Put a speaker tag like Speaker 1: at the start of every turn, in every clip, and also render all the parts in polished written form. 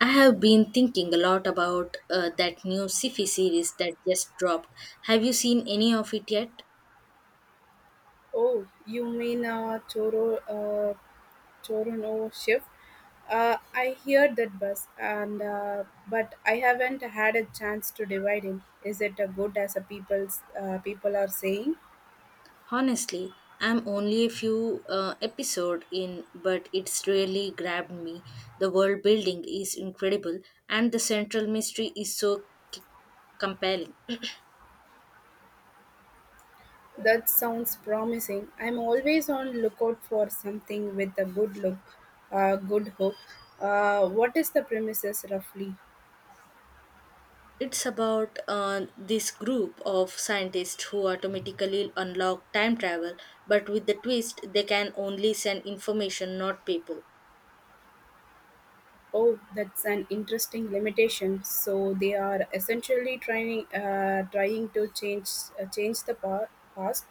Speaker 1: I have been thinking a lot about that new sci-fi series that just dropped. Have you seen any of it yet?
Speaker 2: Oh, you mean Toronto Chef? I hear that bus, and but I haven't had a chance to divide him. Is it good as a people's people are saying?
Speaker 1: Honestly, I'm only a few episode in, but it's really grabbed me. The world building is incredible, and the central mystery is so c- compelling.
Speaker 2: That sounds promising. I'm always on lookout for something with a good hook. What is the premises roughly?
Speaker 1: It's about this group of scientists who automatically unlock time travel, but with the twist, they can only send information, not people.
Speaker 2: Oh, that's an interesting limitation. So they are essentially trying to change the past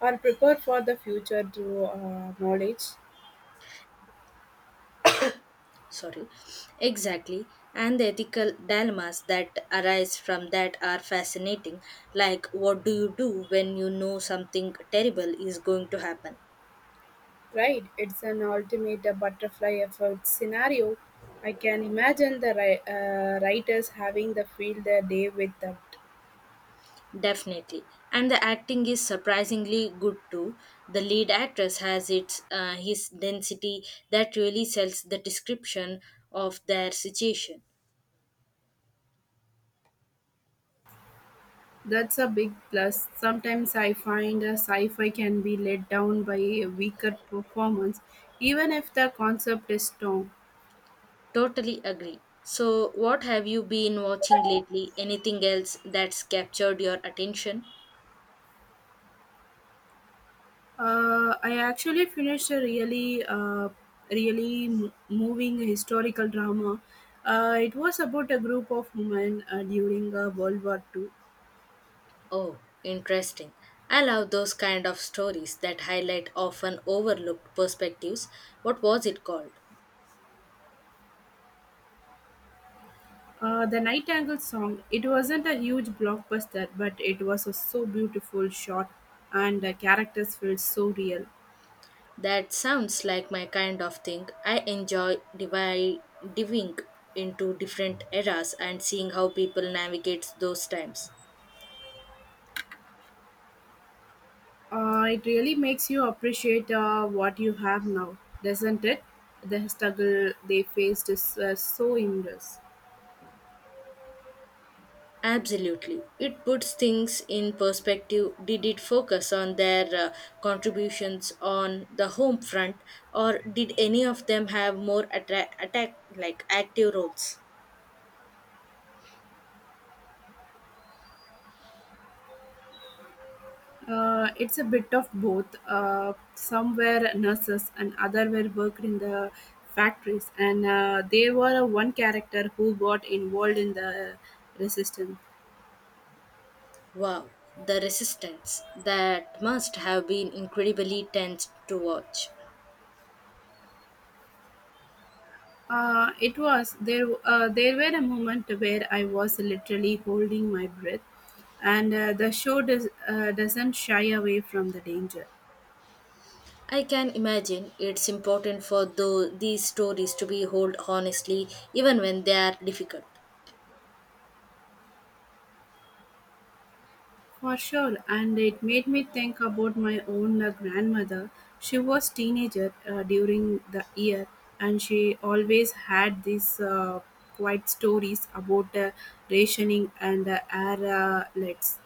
Speaker 2: or prepare for the future through knowledge.
Speaker 1: Sorry. Exactly, and the ethical dilemmas that arise from that are fascinating, like what do you do when you know something terrible is going to happen?
Speaker 2: Right? It's an ultimate butterfly effect scenario. I can imagine the writers having the field their day with that.
Speaker 1: Definitely. And the acting is surprisingly good too. The lead actress has its his density that really sells the description of their situation.
Speaker 2: That's a big plus. Sometimes I find a sci-fi can be let down by a weaker performance, even if the concept is strong.
Speaker 1: Totally agree. So what have you been watching lately, anything else that's captured your attention?
Speaker 2: I actually finished a really moving historical drama. It was about a group of women during World War II.
Speaker 1: Oh, interesting. I love those kind of stories that highlight often overlooked perspectives. What was it called?
Speaker 2: The Nightingale song. It wasn't a huge blockbuster, but it was a so beautiful shot, and the characters felt so real.
Speaker 1: That sounds like my kind of thing. I enjoy diving into different eras and seeing how people navigate those times.
Speaker 2: It really makes you appreciate what you have now, doesn't it? The struggle they faced is so immense.
Speaker 1: Absolutely. It puts things in perspective. Did it focus on their contributions on the home front, or did any of them have more attack like active roles?
Speaker 2: It's a bit of both. Some were nurses and other were worked in the factories, and they were a one character who got involved in the resistance.
Speaker 1: Wow, the resistance. That must have been incredibly tense to watch.
Speaker 2: It was there. There were a moment where I was literally holding my breath, and the show doesn't shy away from the danger.
Speaker 1: I can imagine it's important for though these stories to be told honestly, even when they are difficult.
Speaker 2: For sure, and it made me think about my own grandmother. She was teenager during the year, and she always had these quiet stories about rationing and air lets.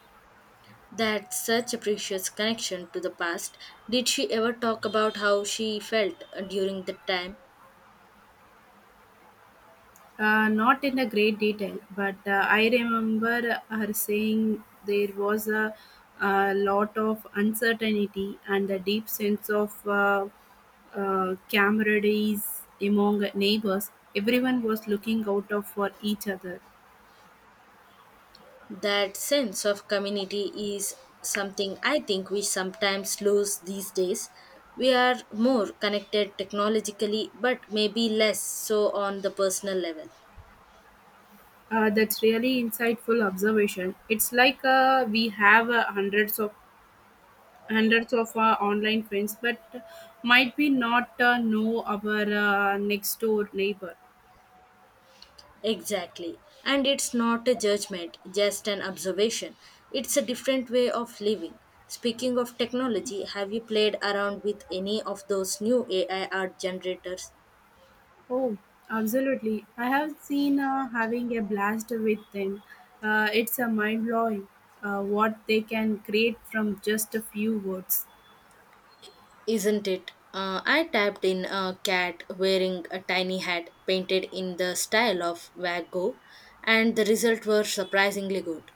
Speaker 1: That's such a precious connection to the past. Did she ever talk about how she felt during the time?
Speaker 2: Not in a great detail, but I remember her saying there was a lot of uncertainty and a deep sense of camaraderie among neighbors. Everyone was looking out of for each other.
Speaker 1: That sense of community is something I think we sometimes lose these days. We are more connected technologically, but maybe less so on the personal level.
Speaker 2: That's really insightful observation. It's like we have hundreds of online friends, but might we not know our next door neighbor?
Speaker 1: Exactly. And it's not a judgment, just an observation. It's a different way of living. Speaking of technology, have you played around with any of those new AI art generators?
Speaker 2: Oh, absolutely. I have seen having a blast with them. It's a mind blowing what they can create from just a few words.
Speaker 1: Isn't it? I tapped in a cat wearing a tiny hat painted in the style of Van Gogh, and the results were surprisingly good.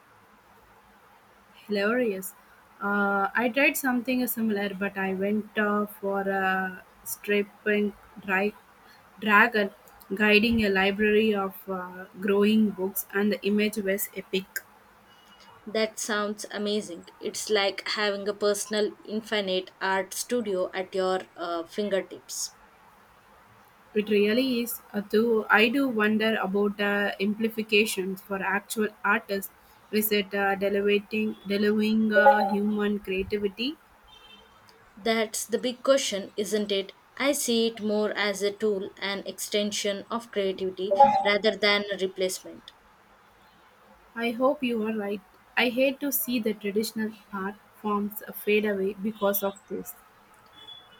Speaker 2: Hilarious. I tried something similar, but I went for a stripping dry dragon guiding a library of growing books, and the image was epic.
Speaker 1: That sounds amazing. It's like having a personal, infinite art studio at your fingertips.
Speaker 2: It really is. Though I do wonder about implications for actual artists. Is it delivering human creativity?
Speaker 1: That's the big question, isn't it? I see it more as a tool, an extension of creativity rather than a replacement.
Speaker 2: I hope you are right. I hate to see the traditional art forms fade away because of this.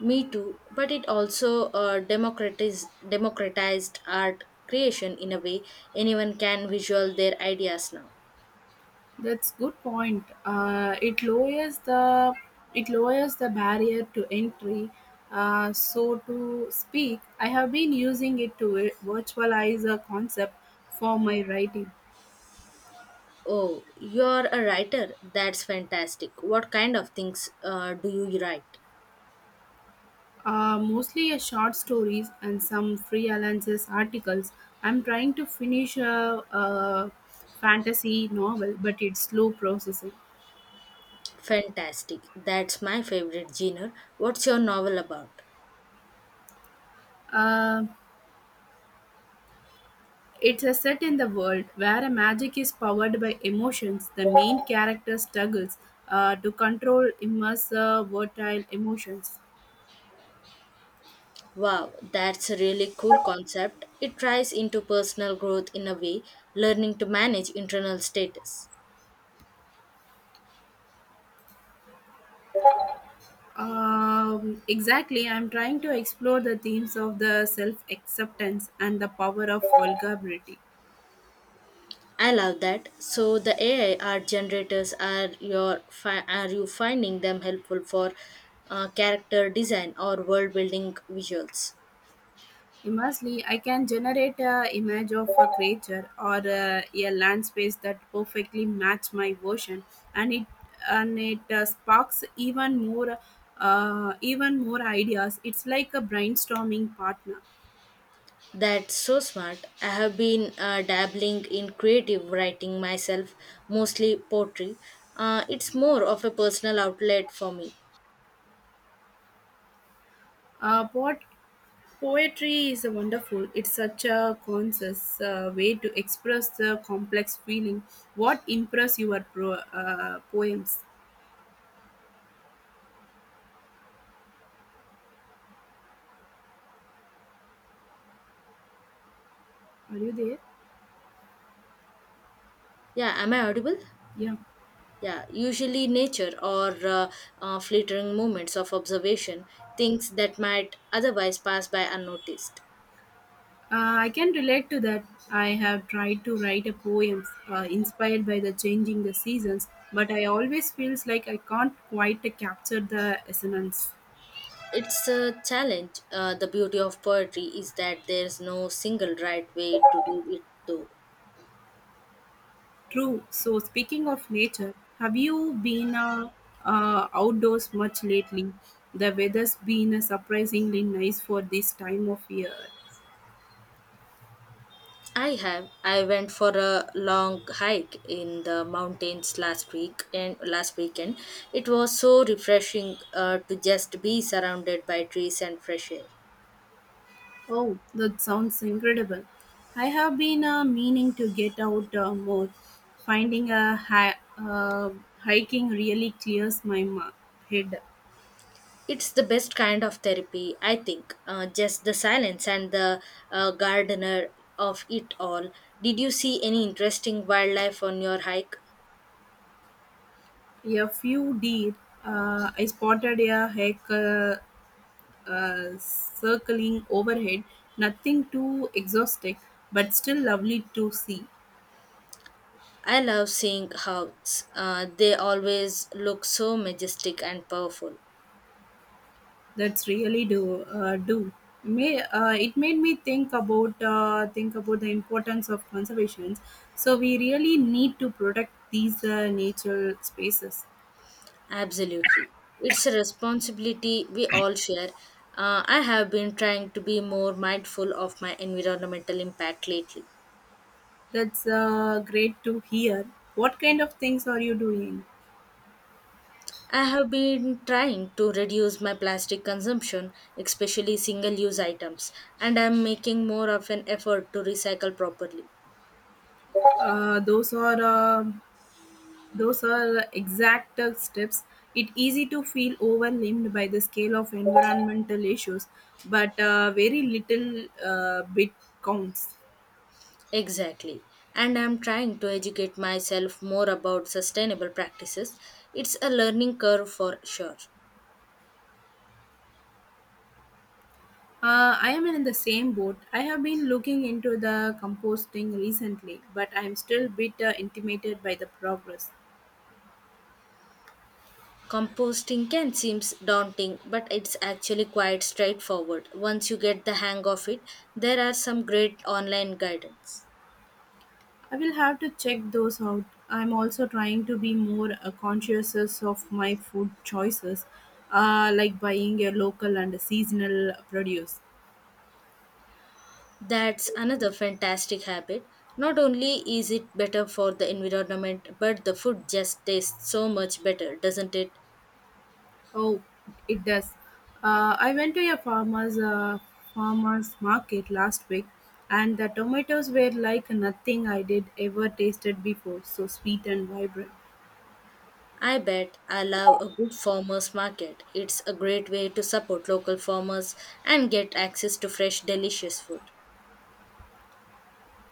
Speaker 1: Me too, but it also democratized art creation in a way anyone can visual their ideas now.
Speaker 2: That's good point. It lowers the barrier to entry. So to speak, I have been using it to virtualize a concept for my writing.
Speaker 1: Oh, you're a writer. That's fantastic. What kind of things do you write?
Speaker 2: Mostly a short stories and some freelances articles. I'm trying to finish a fantasy novel, but it's slow processing.
Speaker 1: Fantastic. That's my favorite genre. What's your novel about?
Speaker 2: Uh, it's a set in the world where a magic is powered by emotions. The main character struggles to control immersive, volatile emotions.
Speaker 1: Wow, that's a really cool concept. It ties into personal growth in a way, learning to manage internal status.
Speaker 2: Exactly, I'm trying to explore the themes of the self acceptance and the power of vulnerability.
Speaker 1: I love that. So the AI art generators are your are you finding them helpful for character design or world building visuals?
Speaker 2: Immensely, I can generate a image of a creature or a land space that perfectly match my version, and it sparks even more ideas. It's like a brainstorming partner.
Speaker 1: That's so smart. I have been dabbling in creative writing myself, mostly poetry. It's more of a personal outlet for me.
Speaker 2: What poetry is wonderful. It's such a conscious way to express the complex feeling. What impress your poems? Are you there?
Speaker 1: Yeah, am I audible?
Speaker 2: Yeah.
Speaker 1: Yeah, usually nature or flittering moments of observation, things that might otherwise pass by unnoticed.
Speaker 2: I can relate to that. I have tried to write a poem inspired by the changing the seasons, but I always feels like I can't quite capture the essence.
Speaker 1: It's a challenge. The beauty of poetry is that there's no single right way to do it, though.
Speaker 2: True. So speaking of nature, have you been outdoors much lately? The weather's been surprisingly nice for this time of year.
Speaker 1: I have. I went for a long hike in the mountains last week and last weekend. It was so refreshing to just be surrounded by trees and fresh air.
Speaker 2: Oh, that sounds incredible. I have been meaning to get out more. Finding a hiking really clears my head.
Speaker 1: It's the best kind of therapy, I think. Just the silence and the gardener of it all. Did you see any interesting wildlife on your hike?
Speaker 2: A few deer, I spotted a hike circling overhead. Nothing too exhausting, but still lovely to see.
Speaker 1: I love seeing how, they always look so majestic and powerful.
Speaker 2: That's really do do. It made me think about think about the importance of conservation. So we really need to protect these natural spaces.
Speaker 1: Absolutely. It's a responsibility we all share. I have been trying to be more mindful of my environmental impact lately.
Speaker 2: That's great to hear. What kind of things are you doing?
Speaker 1: I have been trying to reduce my plastic consumption, especially single use items, and I'm making more of an effort to recycle properly.
Speaker 2: Uh, those are uh, those are exact steps. It easy to feel overwhelmed by the scale of environmental issues, but very little bit counts.
Speaker 1: Exactly. And I'm trying to educate myself more about sustainable practices. It's a learning curve for sure.
Speaker 2: I am in the same boat. I have been looking into the composting recently, but I am still a bit intimidated by the progress.
Speaker 1: Composting can seem daunting, but it's actually quite straightforward. Once you get the hang of it, there are some great online guidance.
Speaker 2: I will have to check those out. I am also trying to be more conscious of my food choices, like buying a local and seasonal produce.
Speaker 1: That's another fantastic habit. Not only is it better for the environment, but the food just tastes so much better, doesn't it?
Speaker 2: Oh, it does. I went to a farmer's market last week, and the tomatoes were like nothing I did ever tasted before. So sweet and vibrant.
Speaker 1: I bet. I love a good farmers market. It's a great way to support local farmers and get access to fresh, delicious food.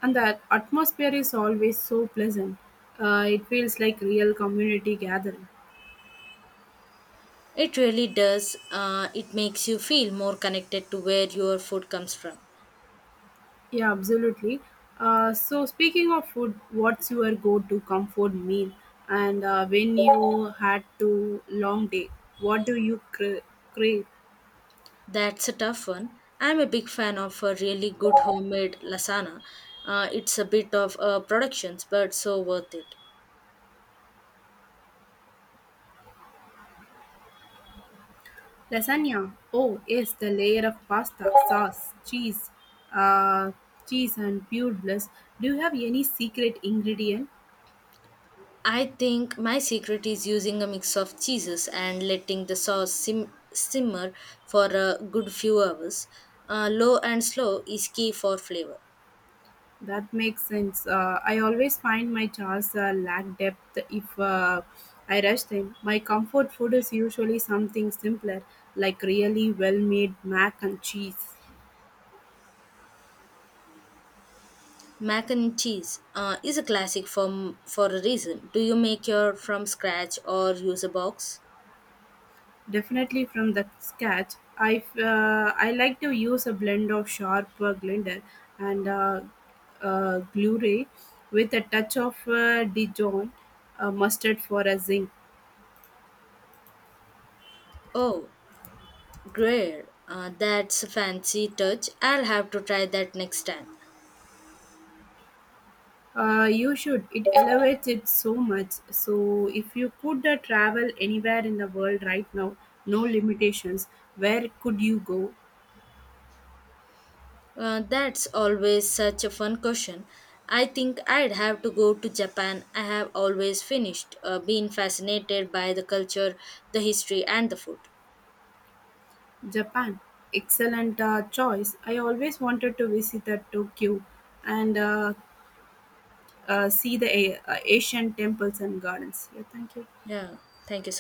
Speaker 2: And the atmosphere is always so pleasant. It feels like real community gathering.
Speaker 1: It really does. It makes you feel more connected to where your food comes from.
Speaker 2: Yeah, absolutely. So speaking of food, what's your go-to comfort meal? And when you had to long day, what do you crave?
Speaker 1: That's a tough one. I'm a big fan of a really good homemade lasagna. It's a bit of productions, but so worth it.
Speaker 2: Lasagna. Oh, yes, the layer of pasta, sauce, uh, cheese and pure bliss. Do you have any secret ingredient?
Speaker 1: I think my secret is using a mix of cheeses and letting the sauce simmer for a good few hours. Low and slow is key for flavor.
Speaker 2: That makes sense. I always find my chars lack depth if I rush them. My comfort food is usually something simpler, like really well made mac and cheese.
Speaker 1: Mac and cheese is a classic for a reason. Do you make your from scratch or use a box?
Speaker 2: Definitely from the scratch. I like to use a blend of sharp blender and Glure with a touch of Dijon mustard for a zinc.
Speaker 1: Oh, great. That's a fancy touch. I'll have to try that next time.
Speaker 2: You should. It elevates it so much. So, if you could travel anywhere in the world right now, no limitations, where could you go?
Speaker 1: That's always such a fun question. I think I'd have to go to Japan. I have always finished being fascinated by the culture, the history, and the food.
Speaker 2: Japan. Excellent choice. I always wanted to visit Tokyo and see the Asian temples and gardens. Yeah, thank you.
Speaker 1: Yeah, thank you. So.